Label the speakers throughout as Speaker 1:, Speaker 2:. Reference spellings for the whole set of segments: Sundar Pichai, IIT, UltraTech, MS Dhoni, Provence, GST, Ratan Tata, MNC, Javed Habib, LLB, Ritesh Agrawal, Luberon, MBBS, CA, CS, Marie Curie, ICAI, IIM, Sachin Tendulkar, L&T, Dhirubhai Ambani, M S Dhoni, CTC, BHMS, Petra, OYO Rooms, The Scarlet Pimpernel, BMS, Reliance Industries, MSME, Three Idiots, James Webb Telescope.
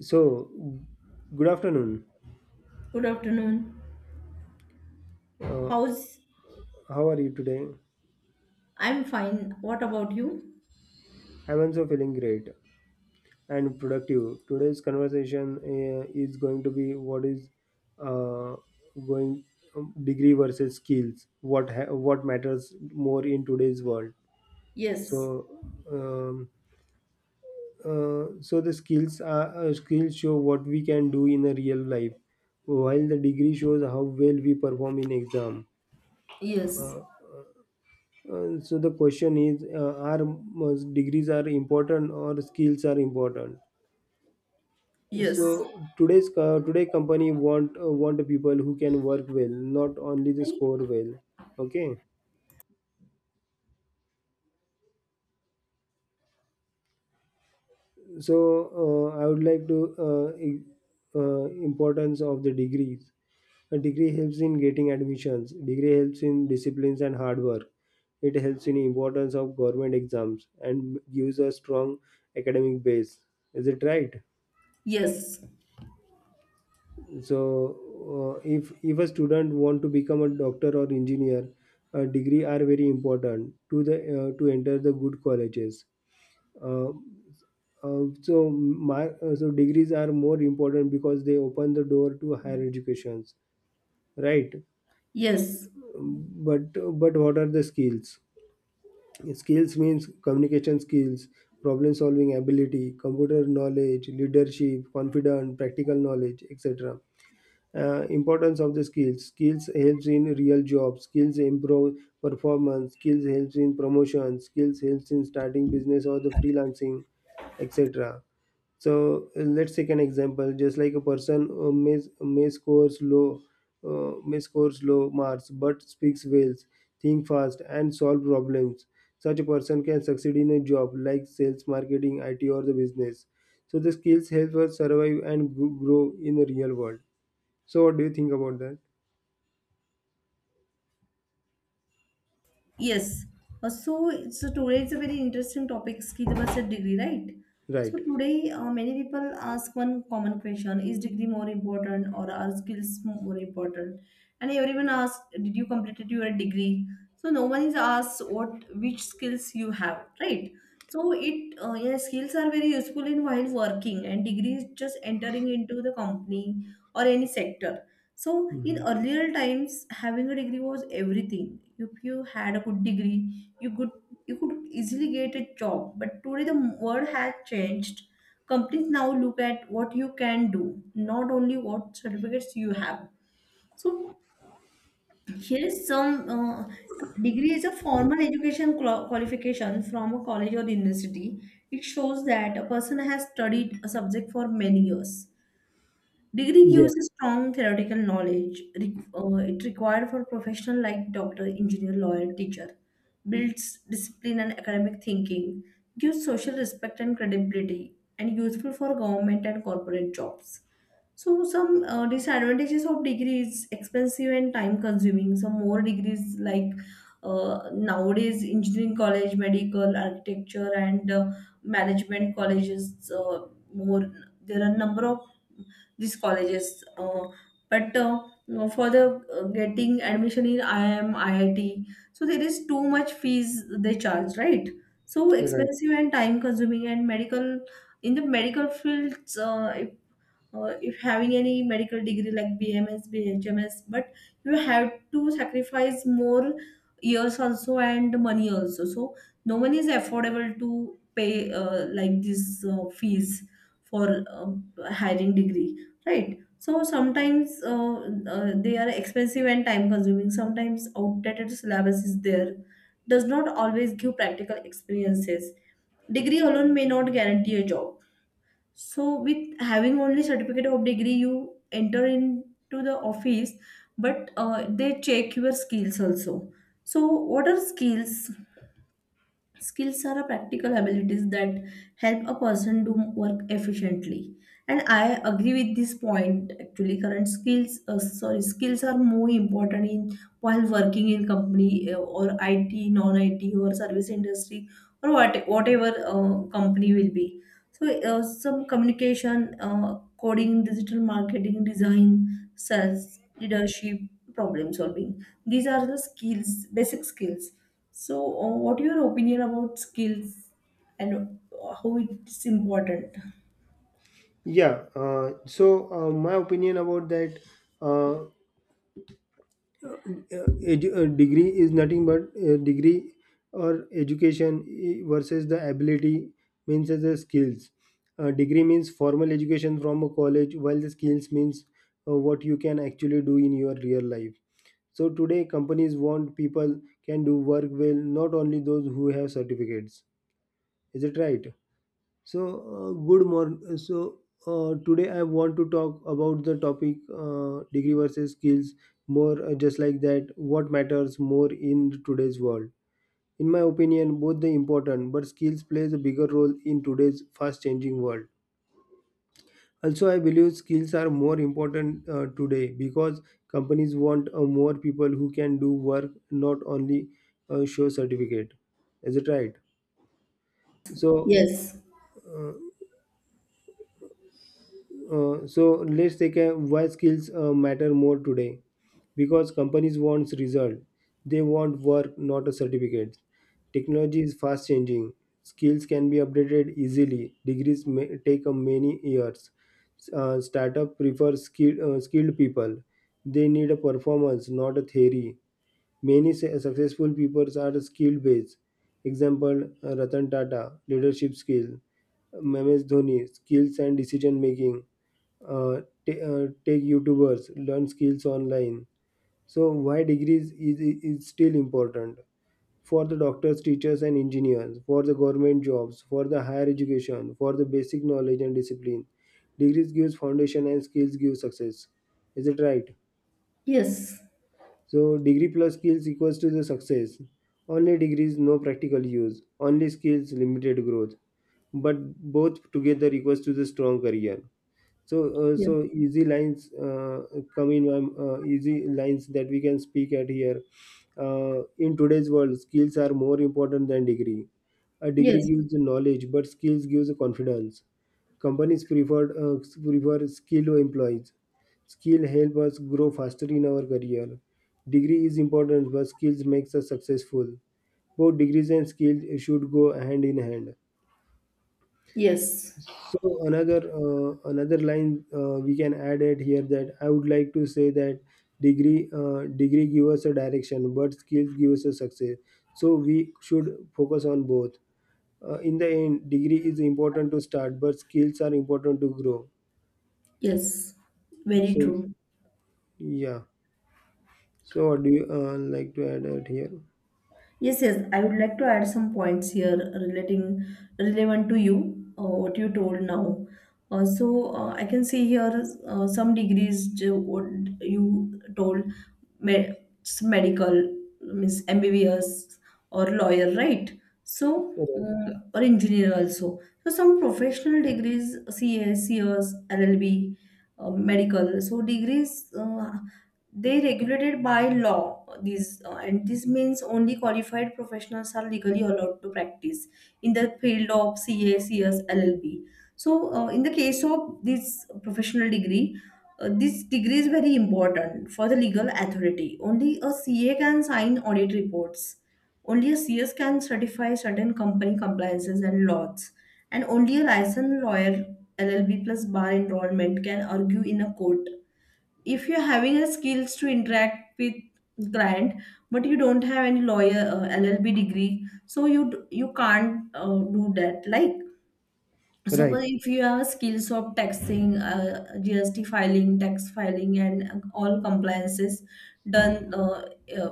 Speaker 1: So, good afternoon.
Speaker 2: Good afternoon.
Speaker 1: Uh,
Speaker 2: How's
Speaker 1: how are you today?
Speaker 2: I'm fine. What about you?
Speaker 1: I'm also feeling great and productive. Today's conversation is going to be what is uh, going degree versus skills. What matters more in today's world?
Speaker 2: Yes.
Speaker 1: So, um, so the skills are skills show what we can do in a real life, while the degree shows how well we perform in exam.
Speaker 2: Yes.
Speaker 1: So the question is, are must degrees are important or skills are important?
Speaker 2: Yes.
Speaker 1: So today company want want the people who can work well, not only the score well. Okay, so I would like to uh, i- importance of the degrees. A degree helps in getting admissions. Degree helps in disciplines and hard work. It helps in importance of government exams and gives a strong academic base. Is it right?
Speaker 2: Yes.
Speaker 1: So if a student want to become a doctor or engineer, a degree are very important to the to enter the good colleges. Uh, uh, so my uh, so degrees are more important because they open the door to higher educations, right?
Speaker 2: Yes.
Speaker 1: but but what are the skills? Skills means communication skills, problem solving ability, computer knowledge, leadership, confident, practical knowledge, etc. Importance of the skills: skills helps in real jobs, skills improve performance, skills helps in promotion, skills helps in starting business or the freelancing, etc. So let's take an example, just like a person may scores low, may scores low marks but speaks well, think fast and solve problems. Such a person can succeed in a job like sales, marketing, IT, or the business. So the skills help us survive and grow in the real world. So what do you think about that?
Speaker 2: Yes. So today is a very interesting topic, ski the master degree, right?
Speaker 1: Right.
Speaker 2: So today, many people ask one common question: is degree more important, or are skills more important? And everyone asks, "Did you completed your degree?" So no one is asked what which skills you have, right? So skills are very useful in while working, and degree is just entering into the company or any sector. So in
Speaker 1: Hmm.
Speaker 2: earlier times, having a degree was everything. If you had a good degree, you could you could easily get a job. But today the world has changed. Companies now look at what you can do, not only what certificates you have. So here is some degree is a formal education qualification from a college or university. It shows that a person has studied a subject for many years. Degree
Speaker 1: Yeah.
Speaker 2: gives a strong theoretical knowledge. It required for professional like doctor, engineer, lawyer, teacher. Builds discipline and academic thinking. Gives social respect and credibility, and useful for government and corporate jobs. So some disadvantages of degree is expensive and time consuming. Some more degrees like nowadays engineering college, medical, architecture, and management colleges. More, there are number of these colleges, but no, for the getting admission in IIM, IIT, so there is too much fees they charge, right? So
Speaker 1: Right.
Speaker 2: expensive and time consuming and medical in the medical fields if having any medical degree like BMS, BHMS, but you have to sacrifice more years also and money also. So no one is affordable to pay like this fees for hiring degree, right? So sometimes they are expensive and time consuming. Sometimes outdated syllabus is there. Does not always give practical experiences. Degree alone may not guarantee a job, so with having only certificate of degree, you enter into the office, but they check your skills also. So what are skills? Skills are a practical abilities that help a person do work efficiently. And I agree with this point. Actually, skills are more important in while working in company or IT, non-IT or service industry or what, whatever company will be. So some communication, coding, digital marketing, design, sales, leadership, problem solving. These are the skills, basic skills. So what your opinion about skills and how it's important?
Speaker 1: Yeah. My opinion about that, uh, degree is nothing but a degree or education, versus the ability, means as a skills. Degree means formal education from a college, while the skills means what you can actually do in your real life. So today, companies want people can do work well, not only those who have certificates. Is it right? So, good morning. So, today I want to talk about the topic degree versus skills, more just like that. What matters more in today's world? In my opinion, both the important, but skills plays a bigger role in today's fast changing world. Also, I believe skills are more important today because companies want more people who can do work, not only show certificate. Is it right? So
Speaker 2: Yes,
Speaker 1: So let's take a why skills matter more today, because companies want result, they want work not a certificate. Technology is fast changing, skills can be updated easily, degrees may take a many years. Startup prefer skill, skilled people, they need a performance not a theory. Many successful people are skill based. Example, Ratan Tata, leadership skill. M S Dhoni, skills and decision making. Take YouTubers, learn skills online. So why degrees is still important: for the doctors, teachers, and engineers, for the government jobs, for the higher education, for the basic knowledge and discipline. Degrees gives foundation and skills give success. Is it right?
Speaker 2: yes,
Speaker 1: So degree plus skills equals to the success. Only degrees, no practical use. Only skills, limited growth. But both together equals to the strong career. So
Speaker 2: yes,
Speaker 1: easy lines come in easy lines that we can speak at here. uh, in today's world, skills are more important than degree. A
Speaker 2: yes,
Speaker 1: degree gives knowledge but skills gives confidence. Companies prefer skilled employees. Skill help us grow faster in our career. Degree is important but skills makes us successful. Both degrees and skills should go hand in hand.
Speaker 2: yes,
Speaker 1: So another line we can add it here, that I would like to say that degree give us a direction, but skills give us a success. So we should focus on both. In the end, degree is important to start, but skills are important to grow.
Speaker 2: yes. Very
Speaker 1: So
Speaker 2: true.
Speaker 1: yeah. So what do you like to add it here?
Speaker 2: Yes, yes. I would like to add some points here relating relevant to you, what you told now. I can see here some degrees ju- what you told me- it's medical means MBBS or lawyer, right? So or engineer also. So some professional degrees, CA, CS, LLB, medical. So degrees. They regulated by law these and this means only qualified professionals are legally allowed to practice in the field of C A, C S, LLB. So in the case of this professional degree, this degree is very important for the legal authority. Only a C A can sign audit reports, only a C S can certify certain company compliances and laws, and only a licensed lawyer, llb plus bar enrollment, can argue in a court. If you're having a skills to interact with client but you don't have any lawyer llb degree, so you can't do that. Like so,
Speaker 1: Right.
Speaker 2: but if you have skills of taxing, gst filing, tax filing, and all compliances done,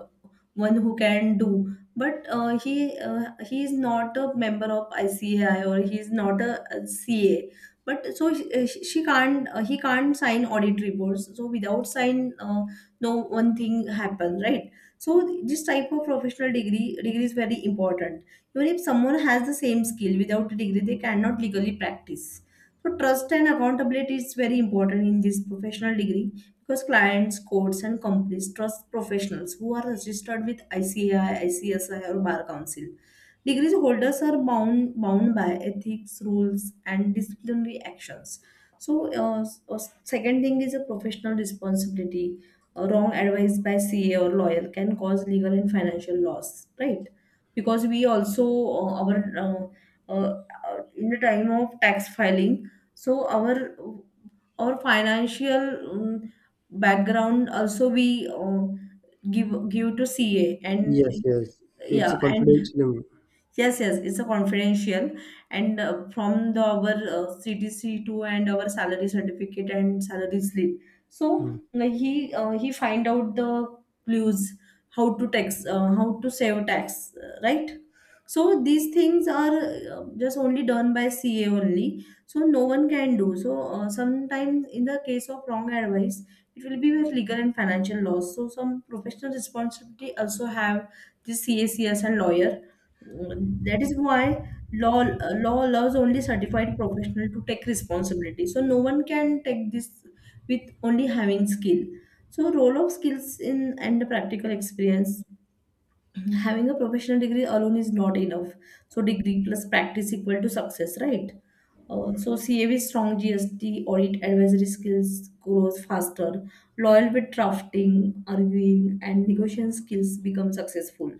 Speaker 2: one who can do, but he is not a member of ICAI or he is not a CA, but so she can't, he can't sign audit reports. So without sign, no one thing happens, right? So this type of professional degree is very important. Even if someone has the same skill without a degree, they cannot legally practice. So trust and accountability is very important in this professional degree, because clients, courts, and companies trust professionals who are registered with ICAI, ICSI, or Bar Council. Degree holders are bound by ethics, rules, and disciplinary actions. So, uh, s- uh, second thing is a professional responsibility. A wrong advice by CA or lawyer can cause legal and financial loss, right? Because we also, our uh, uh, in the time of tax filing, so our financial um, background also we give to ca. And
Speaker 1: Yes. Yes. It's
Speaker 2: yeah,
Speaker 1: a
Speaker 2: and
Speaker 1: confidential.
Speaker 2: yes, yes, it's a confidential, and from the our CTC to and our salary certificate and salary slip. So he find out the clues how to tax, how to save tax, right? So these things are just only done by CA only. So no one can do. So sometimes in the case of wrong advice, it will be with legal and financial loss. So some professional responsibility also have the CACS and lawyer. That is why law allows only certified professional to take responsibility. So no one can take this with only having skill. So role of skills in and practical experience, having a professional degree alone is not enough. So degree plus practice equal to success, right? So CA with strong GST audit advisory skills grows faster. Loyal with drafting, arguing, and negotiation skills become successful.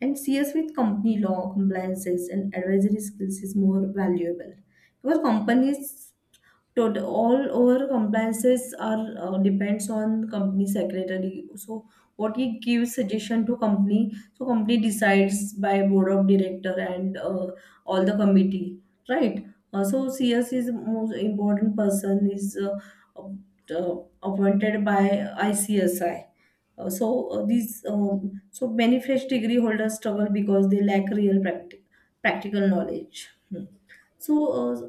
Speaker 2: And CS with company law, compliances, and advisory skills is more valuable, because companies, total, all our compliances are depends on company secretary. So what he gives suggestion to company, so company decides by board of director and all the committee, right? So CS is most important person, is appointed by ICSI. These so many fresh degree holders struggle because they lack real practical knowledge. Hmm. So, uh,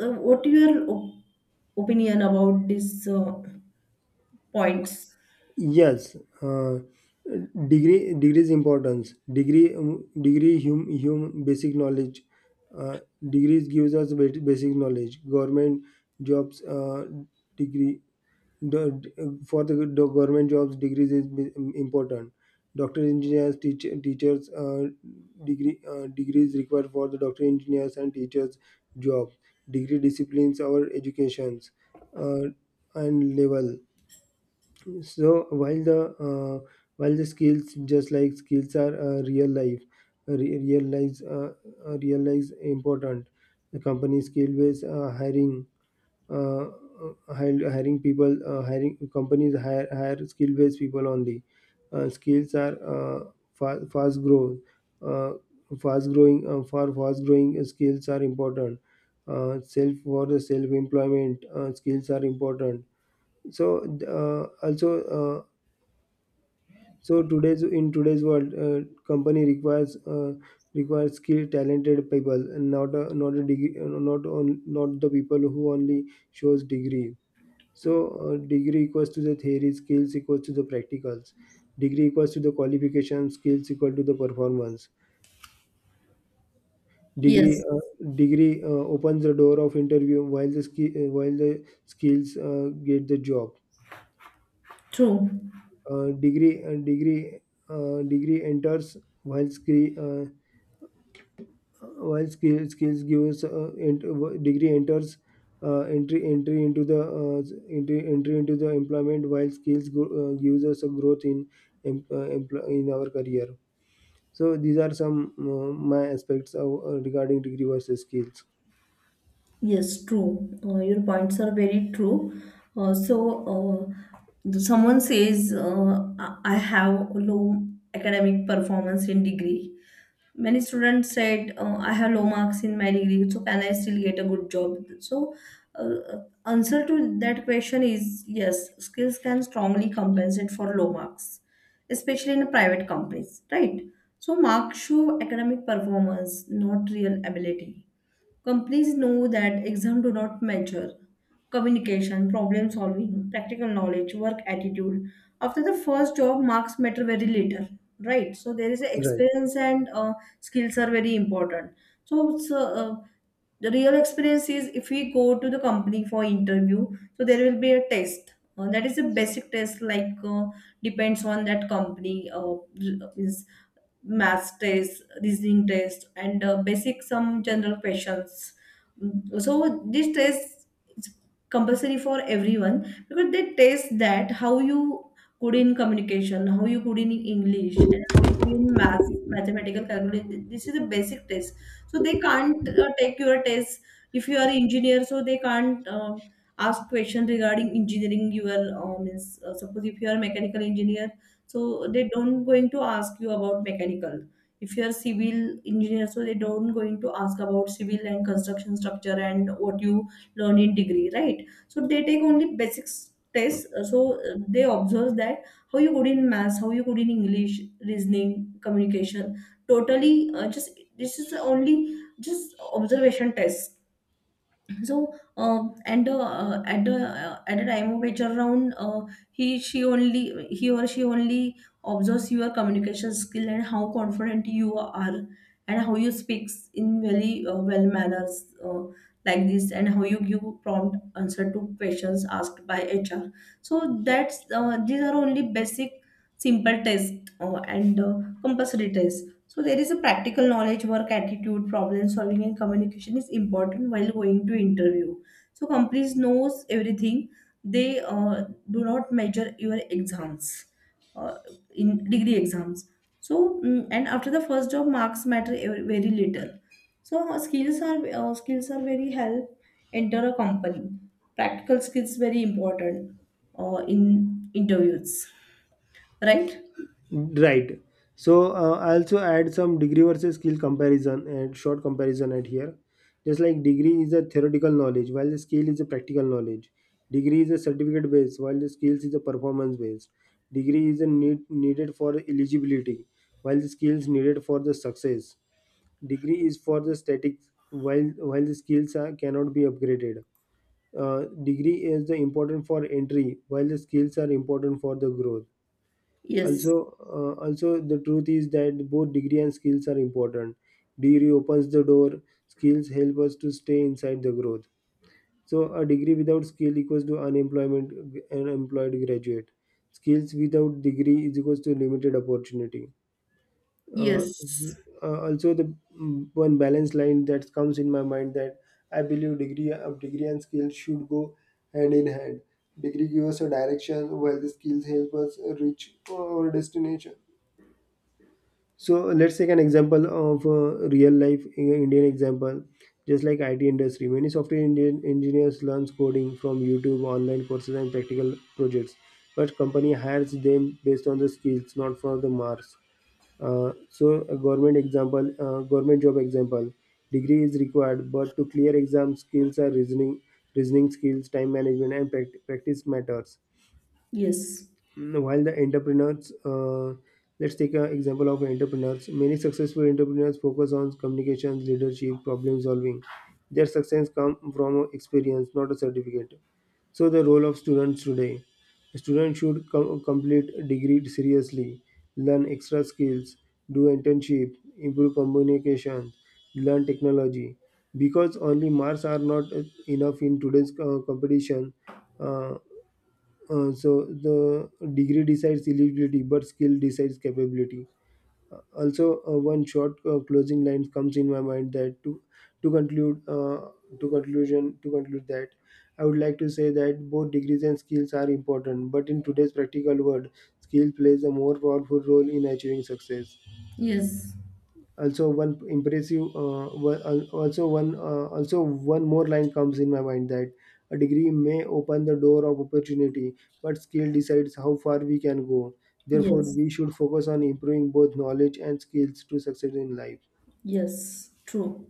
Speaker 2: uh, what your opinion about these points?
Speaker 1: Yes, uh, degree's importance. Degree degree hum, hum basic knowledge. Uh, degrees gives us basic knowledge. Government jobs degree, for the government jobs degrees is important. Doctor, engineers, teachers, degrees required for the doctor, engineers, and teachers job. Degree disciplines our educations uh, and level. So uh, while the skills, just like skills, are real life, uh, re- real lives, uh, real lives important. The company skill based hiring, uh, uh, hiring people, hiring companies hire, hire skill based people only. Skills are fast growth, uh, fast growing. For fast growing, skills are important. Self, for the self employment, skills are important. So also so today's, in today's world, company requires requires skilled, talented people, and not a, not a degree, not on, not the people who only shows degree. So degree equals to the theory, skills equals to the practicals. Degree equals to the qualification, skills equal to the performance. Degree
Speaker 2: Yes,
Speaker 1: uh, degree opens the door of interview, while the while the skills get the job.
Speaker 2: true.
Speaker 1: Uh, degree uh, degree Degree enters, while skill, skills gives degree enters entry into the entry into the employment, while skills go, gives us a growth in in our career. So these are some my aspects of, regarding degree versus skills,
Speaker 2: Yes, true. Your points are very true. Uh, so, uh, Someone says, I have low academic performance in degree. Many students said, I have low marks in my degree, so can I still get a good job? So uh, answer to that question is yes, skills can strongly compensate for low marks, especially in private companies, right? So marks show academic performance, not real ability. Companies know that exams do not measure communication, problem solving, practical knowledge, work attitude. After the first job, marks matter very little, right? So there is a
Speaker 1: right?
Speaker 2: experience and skills are very important. So the real experience is if we go to the company for interview, so there will be a test. That is a basic test like, depends on that company, is math test, reasoning test, and basic some general questions. Mm, so this test is compulsory for everyone, because they test that how you good in communication, how you good in english, and how you good in math, mathematical calculation. This is a basic test. So they can't take your test. If you are engineer, so they can't ask question regarding engineering. You are suppose if you are mechanical engineer, so they don't going to ask you about mechanical. If you are civil engineer, so they don't going to ask about civil and construction structure and what you learn in degree, right? So they take only basics tests. They observe that how you good in maths, how you good in english, reasoning, communication. Totally just this is only just observation test. So and at the time of HR round, he or she only observes your communication skill and how confident you are and how you speaks in very well manners, like this, and how you give prompt answer to questions asked by HR. So that's, these are only basic simple test and compulsory test. So there is a practical knowledge, work attitude, problem solving, and communication is important while going to interview. So companies knows everything. They do not measure your exams, uh, in degree exams. So mm, and after the first job, marks matter very little. So skills are very help enter a company. Practical skills very important in interviews, right?
Speaker 1: Right. So I also add some degree versus skill comparison and short comparison at here. Just like degree is a theoretical knowledge, while the skill is a practical knowledge. Degree is a certificate based, while the skills is a performance based. Degree is a needed for eligibility, while the skills needed for the success. Degree is for the static, while the skills are cannot be upgraded. Degree is the important for entry, while the skills are important for the growth.
Speaker 2: Yes,
Speaker 1: Also also the truth is that both degree and skills are important. Degree opens the door, skills help us to stay inside the growth. So a degree without skill equals to unemployment, unemployed graduate. Skills without degree is equals to limited opportunity. uh, s-
Speaker 2: yes,
Speaker 1: Also the, mm, one balance line that comes in my mind, that I believe degree of degree and skills should go hand in hand. Degree gives us a direction, while the skills help us reach our destination. So let's take an example of real life Indian example, just like IT industry. Many software Indian engineers learn coding from YouTube, online courses, and practical projects. But company hires them based on the skills, not for the marks. So a government example, government job example, degree is required, but to clear exam skills are reasoning, reasoning skills, time management, and practice matters.
Speaker 2: yes.
Speaker 1: Mm, while the entrepreneurs, let's take an example of entrepreneurs. Many successful entrepreneurs focus on communications, leadership, problem solving. Their success comes from experience, not a certificate. So the role of students today: students should complete degree seriously, learn extra skills, do internship, improve communication, learn technology, because only marks are not enough in today's competition. Uh, uh, so the degree decides eligibility, but skill decides capability. Also, one short closing line comes in my mind, that to to conclude uh, conclude that I would like to say that both degrees and skills are important, but in today's practical world, skill plays a more powerful role in achieving success.
Speaker 2: Yes,
Speaker 1: Also one impressive, also one more line comes in my mind, that a degree may open the door of opportunity, but skill decides how far we can go. Therefore,
Speaker 2: yes,
Speaker 1: we should focus on improving both knowledge and skills to succeed in life.
Speaker 2: yes, true.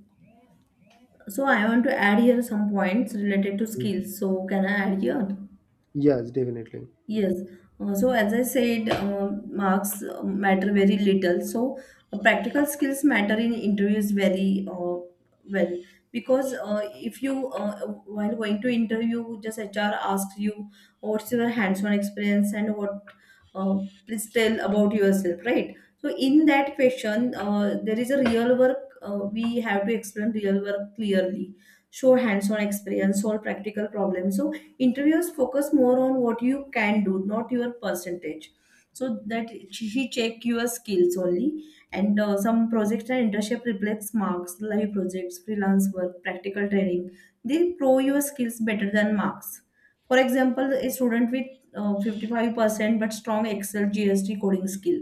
Speaker 2: So I want to add here some points related to
Speaker 1: Mm.
Speaker 2: skills. So can I add here?
Speaker 1: Yes, definitely.
Speaker 2: Yes. So as I said, marks matter very little. So practical skills matter in interviews very well, because if you while going to interview, just HR asks you, "Oh, what's your hands-on experience and what, uh, please tell about yourself," right? So in that question, there is a real work. We have to explain real work clearly, show hands-on experience, solve practical problems. So interviewers focus more on what you can do, not your percentage, so that he check your skills only. And some projects and internship reflects marks, live projects, freelance work, practical training, they pro your skills better than marks. For example, a student with 55% but strong excel gst coding skill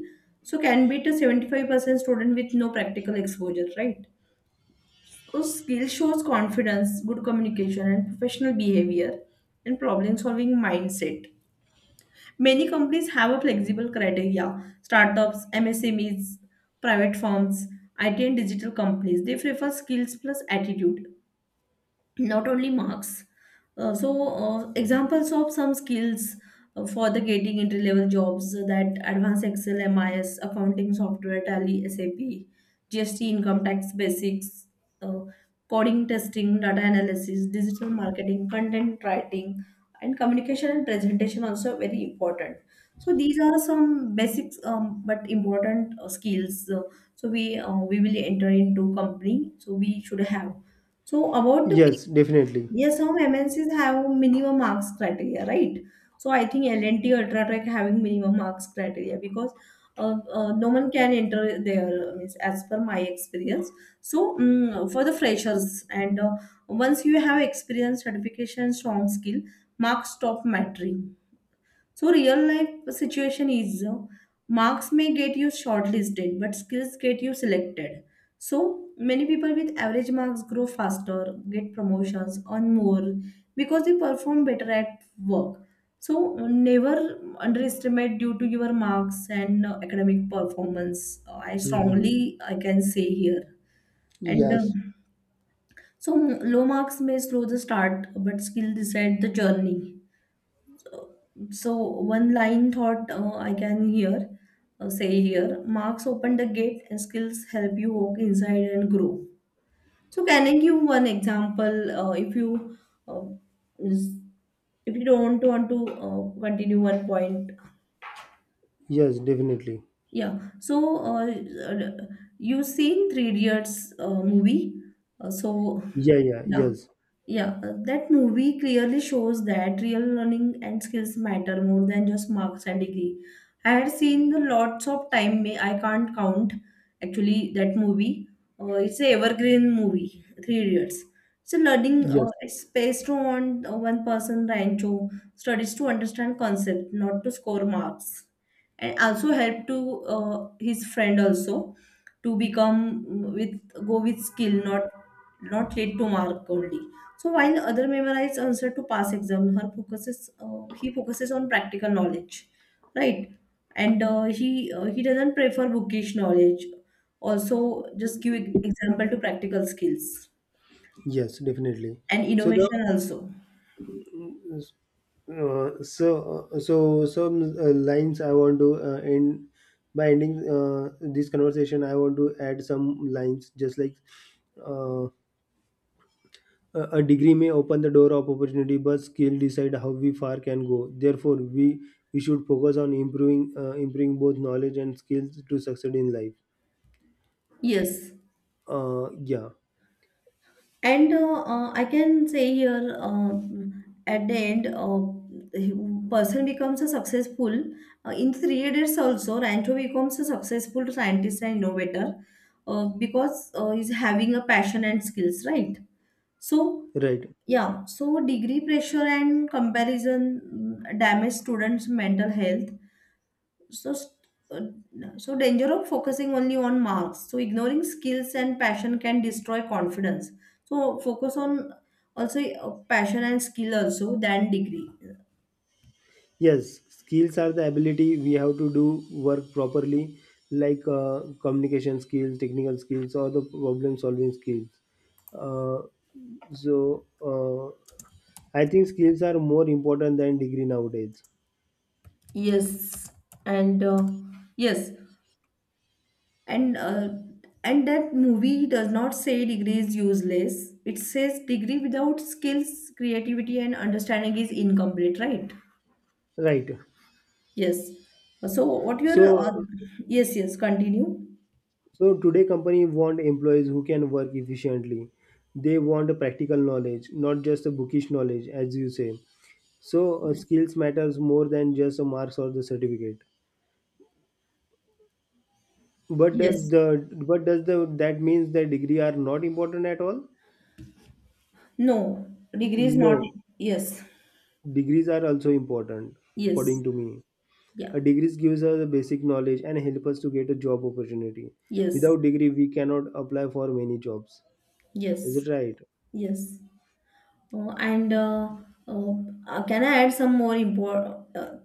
Speaker 2: so can beat a 75% student with no practical exposure, right? Those skills shows confidence, good communication, and professional behavior and problem-solving mindset. Many companies have a flexible criteria. Startups, MSMEs, private firms, IT and digital companies, they prefer skills plus attitude, not only marks. Uh, so examples of some skills for the getting entry level jobs, that advanced excel, mis, accounting software, tally, sap, gst, income tax basics, uh, coding, testing, data analysis, digital marketing, content writing, and communication and presentation, also very important. So these are some basics, but important skills. Uh, so we will enter into company, so we should have. So about the.
Speaker 1: Yes, definitely.
Speaker 2: Yes, some MNCs have minimum marks criteria, right? So I think LNT or Ultra Tech having minimum marks criteria because no one can enter there, means as per my experience. So mm, for the freshers, and once you have experience, certification, strong skill, marks stop mattering. So real life situation is, marks may get you shortlisted, but skills get you selected. So many people with average marks grow faster, get promotions, earn more because they perform better at work. So never underestimate due to your marks and academic performance. I
Speaker 1: Mhm.
Speaker 2: strongly I can say here. And
Speaker 1: Yes.
Speaker 2: so low marks may slow the start, but skill decide the journey. So one line thought I can hear, say here, marks open the gate and skills help you walk inside and grow. So can I give one example, if you uh, is- if you don't want to continue one point.
Speaker 1: Yes, definitely.
Speaker 2: Yeah, so you seen Three Idiots movie. Uh, so
Speaker 1: Yeah, yeah,
Speaker 2: yeah
Speaker 1: yes.
Speaker 2: Yeah, that movie clearly shows that real learning and skills matter more than just marks and degree. I had seen the lots of time, may I can't count actually that movie. It's a evergreen movie, Three Idiots. So learning
Speaker 1: Yes,
Speaker 2: is based on, one person Rancho studies to understand concept, not to score marks, and also help to his friend also, to become, mm, with go with skill, not not lead to mark only. So while other memorize answer to past exam, her focuses he focuses on practical knowledge, right? And he doesn't prefer bookish knowledge. Also, just give example to practical skills
Speaker 1: yes, definitely.
Speaker 2: and
Speaker 1: So the,
Speaker 2: innovation also.
Speaker 1: So some lines I want to end by ending this conversation. I want to add some lines, just like, uh, a degree may open the door of opportunity, but skill decide how we far can go. Therefore we should focus on improving improving both knowledge and skills to succeed in life.
Speaker 2: Yes.
Speaker 1: Uh, yeah.
Speaker 2: And I can say here, at the end, the person becomes a successful in 3 years also. Rancho becomes a successful scientist and innovator because he's having a passion and skills, right? So
Speaker 1: Right.
Speaker 2: yeah, so degree pressure and comparison, mm, damage students' mental health. So st- so danger of focusing only on marks, so ignoring skills and passion can destroy confidence. So focus on also, passion and skill also, than degree.
Speaker 1: Yes, skills are the ability we have to do work properly, like communication skills, technical skills, or the problem solving skills. Uh, so, uh, I think skills are more important than degree nowadays.
Speaker 2: Yes, and yes, and uh, and that movie does not say degree is useless, it says degree without skills, creativity, and understanding is incomplete, right?
Speaker 1: Right.
Speaker 2: Yes. So what your
Speaker 1: So,
Speaker 2: yes, yes, continue.
Speaker 1: so today company want employees who can work efficiently. They want a practical knowledge, not just a bookish knowledge, as you say. So,
Speaker 2: Yes,
Speaker 1: skills matters more than just a marks or the certificate. But does
Speaker 2: yes.
Speaker 1: the, that means the degree are not important at all?
Speaker 2: No, degree is not.
Speaker 1: No,
Speaker 2: Yes,
Speaker 1: degrees are also important, according
Speaker 2: yes,
Speaker 1: to me.
Speaker 2: yeah,
Speaker 1: A degrees gives us the basic knowledge and help us to get a job opportunity.
Speaker 2: yes,
Speaker 1: Without degree, we cannot apply for many jobs. Is
Speaker 2: yes,
Speaker 1: it right?
Speaker 2: yes. And uh, can I add some more import, uh,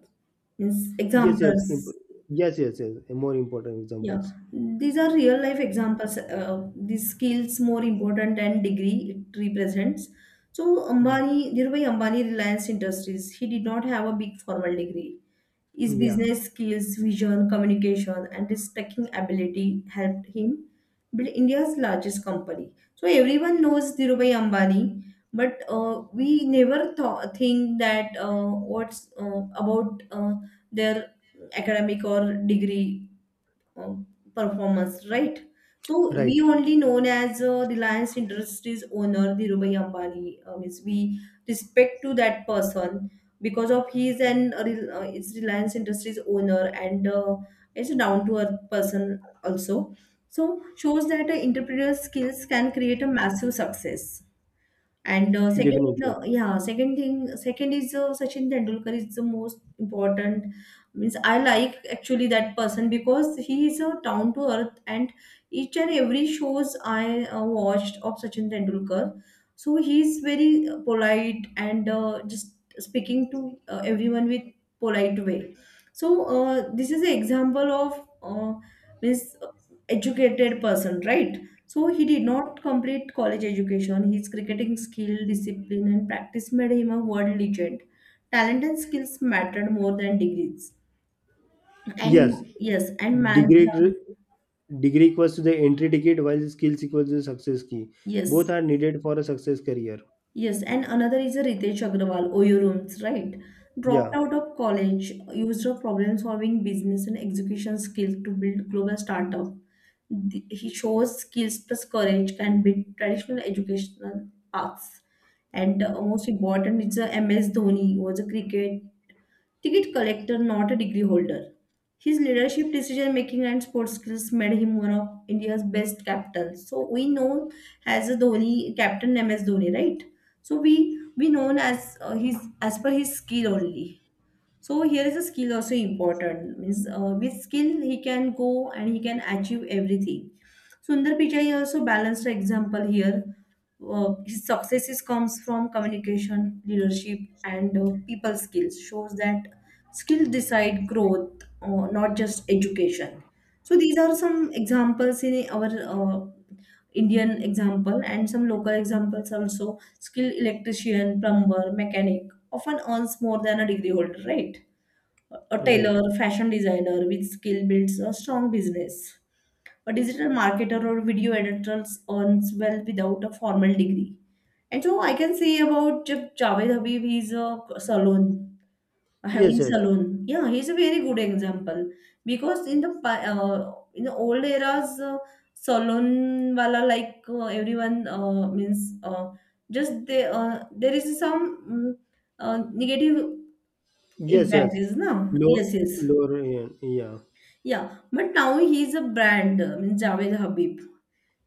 Speaker 1: Yes, yes, imp-
Speaker 2: examples?
Speaker 1: yes, yes, yes. More important
Speaker 2: Yeah,
Speaker 1: examples.
Speaker 2: these are real life examples. These skills more important than degree it represents. So
Speaker 1: Mm.
Speaker 2: Ambani, Dhirubhai Ambani, Reliance Industries, he did not have a big formal degree. His
Speaker 1: Yeah,
Speaker 2: business skills, vision, communication, and his thinking ability helped him build India's largest company. So everyone knows Dhirubhai Ambani, but we never thought think that, what's about their academic or degree uh, performance, right? So we
Speaker 1: right.
Speaker 2: only known as Reliance Industries owner Dhirubhai Ambani. Means we respect to that person because of he is an is Reliance Industries owner, and is a down to earth person also. So shows that entrepreneurial skills can create a massive success. And second,
Speaker 1: Definitely.
Speaker 2: yeah, second thing, second is Sachin Tendulkar is the most important. Means I like actually that person because he is a down to earth, and each and every shows I watched of Sachin Tendulkar, so he's very polite, and just speaking to everyone with polite way. So this is an example of, means educated person, right? So he did not complete college education. His cricketing skill, discipline, and practice made him a world legend. Talent and skills mattered more than degrees. And
Speaker 1: Yes,
Speaker 2: yes, and
Speaker 1: degree
Speaker 2: Mandra,
Speaker 1: degree equals to the entry ticket, while skills equals to the success key. Both
Speaker 2: yes.
Speaker 1: are needed for a success career.
Speaker 2: Yes, and another is a Ritesh Agrawal, OU Rooms, right? Dropped
Speaker 1: Yeah,
Speaker 2: out of college, used her problem solving, business, and execution skills to build global startup. Th- He shows skills plus courage can beat traditional educational paths. And most important is, MS Dhoni was a cricket ticket collector, not a degree holder. His leadership, decision making, and sports skills made him one of India's best captains. So we know as a Dhoni captain, MS Dhoni, right? So we known as his, as per his skill only. So here is a skill also important. Means, with skill he can go and he can achieve everything. Sundar Pichai also balanced the example here. His successes comes from communication, leadership, and people skills. Shows that skills decide growth, not just education. So these are some examples in our Indian example, and some local examples also. Skilled electrician, plumber, mechanic often earns more than a degree holder, right? A
Speaker 1: right.
Speaker 2: tailor, fashion designer with skill builds a strong business. A digital marketer or video editor earns well without a formal degree. And so I can say about Javed Habib, he's a salon,
Speaker 1: Yes,
Speaker 2: having
Speaker 1: yes,
Speaker 2: salon. Yeah, he's a very good example because in the old eras, salon wala, like, everyone means just they there is some, mm, negative
Speaker 1: yes,
Speaker 2: impact
Speaker 1: yes.
Speaker 2: is now.
Speaker 1: Low,
Speaker 2: Yes, yes.
Speaker 1: Lorian, yeah.
Speaker 2: Yeah, but now he's a brand, means Javed Habib.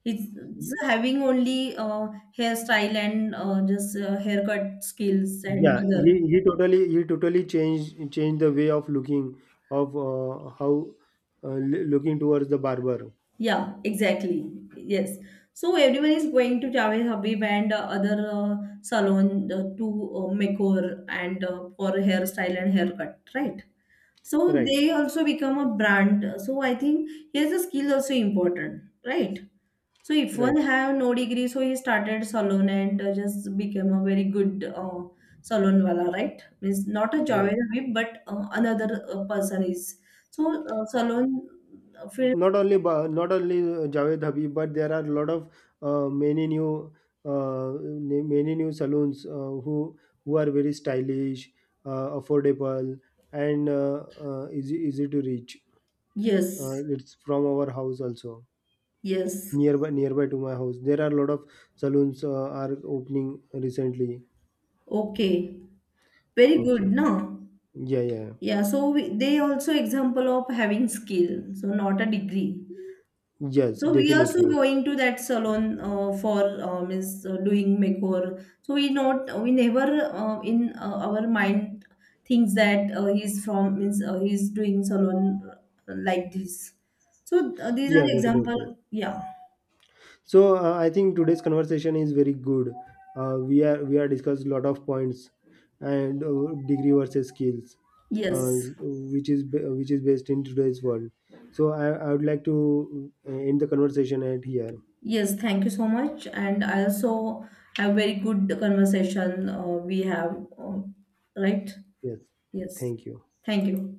Speaker 2: He's
Speaker 1: Y-
Speaker 2: having only hairstyle, and just haircut skills and
Speaker 1: yeah. He
Speaker 2: other.
Speaker 1: he totally, he totally changed, changed the way of looking of uh, l- looking towards the barber.
Speaker 2: Yeah, exactly. Yes. So everyone is going to Javed Habib and other salon to makeover, and for hairstyle and haircut, right? So
Speaker 1: Right,
Speaker 2: they also become a brand. So I think here's a skill also important, right? So if
Speaker 1: right,
Speaker 2: one have no degree, so he started salon and just became a very good salon wala, right? Means not a job
Speaker 1: right.
Speaker 2: whip, but another person is. So salon field,
Speaker 1: Not only Javed Habib, but there are a lot of many new many new saloons who are very stylish, affordable, and easy, easy to reach.
Speaker 2: yes,
Speaker 1: It's from our house also.
Speaker 2: yes,
Speaker 1: Nearby, nearby to my house. There are a lot of saloons are opening recently.
Speaker 2: okay, very
Speaker 1: Okay.
Speaker 2: good, no?
Speaker 1: Yeah, yeah, yeah.
Speaker 2: Yeah, so we, they also example of having skill, so not a degree.
Speaker 1: Yes,
Speaker 2: So we also
Speaker 1: definitely.
Speaker 2: going to that salon for, is doing makeover. So we not we never in our mind thinks that he's from, means, he's doing salon like this. So these are
Speaker 1: Yeah,
Speaker 2: example.
Speaker 1: definitely.
Speaker 2: Yeah.
Speaker 1: So I think today's conversation is very good. We are discussed a lot of points and degree versus skills, uh,
Speaker 2: Yes.
Speaker 1: which is based in today's world. So I would like to end the conversation at here.
Speaker 2: Yes. Thank you so much. And I also have very good conversation we have. Right.
Speaker 1: Yes,
Speaker 2: Yes.
Speaker 1: thank you.
Speaker 2: Thank you.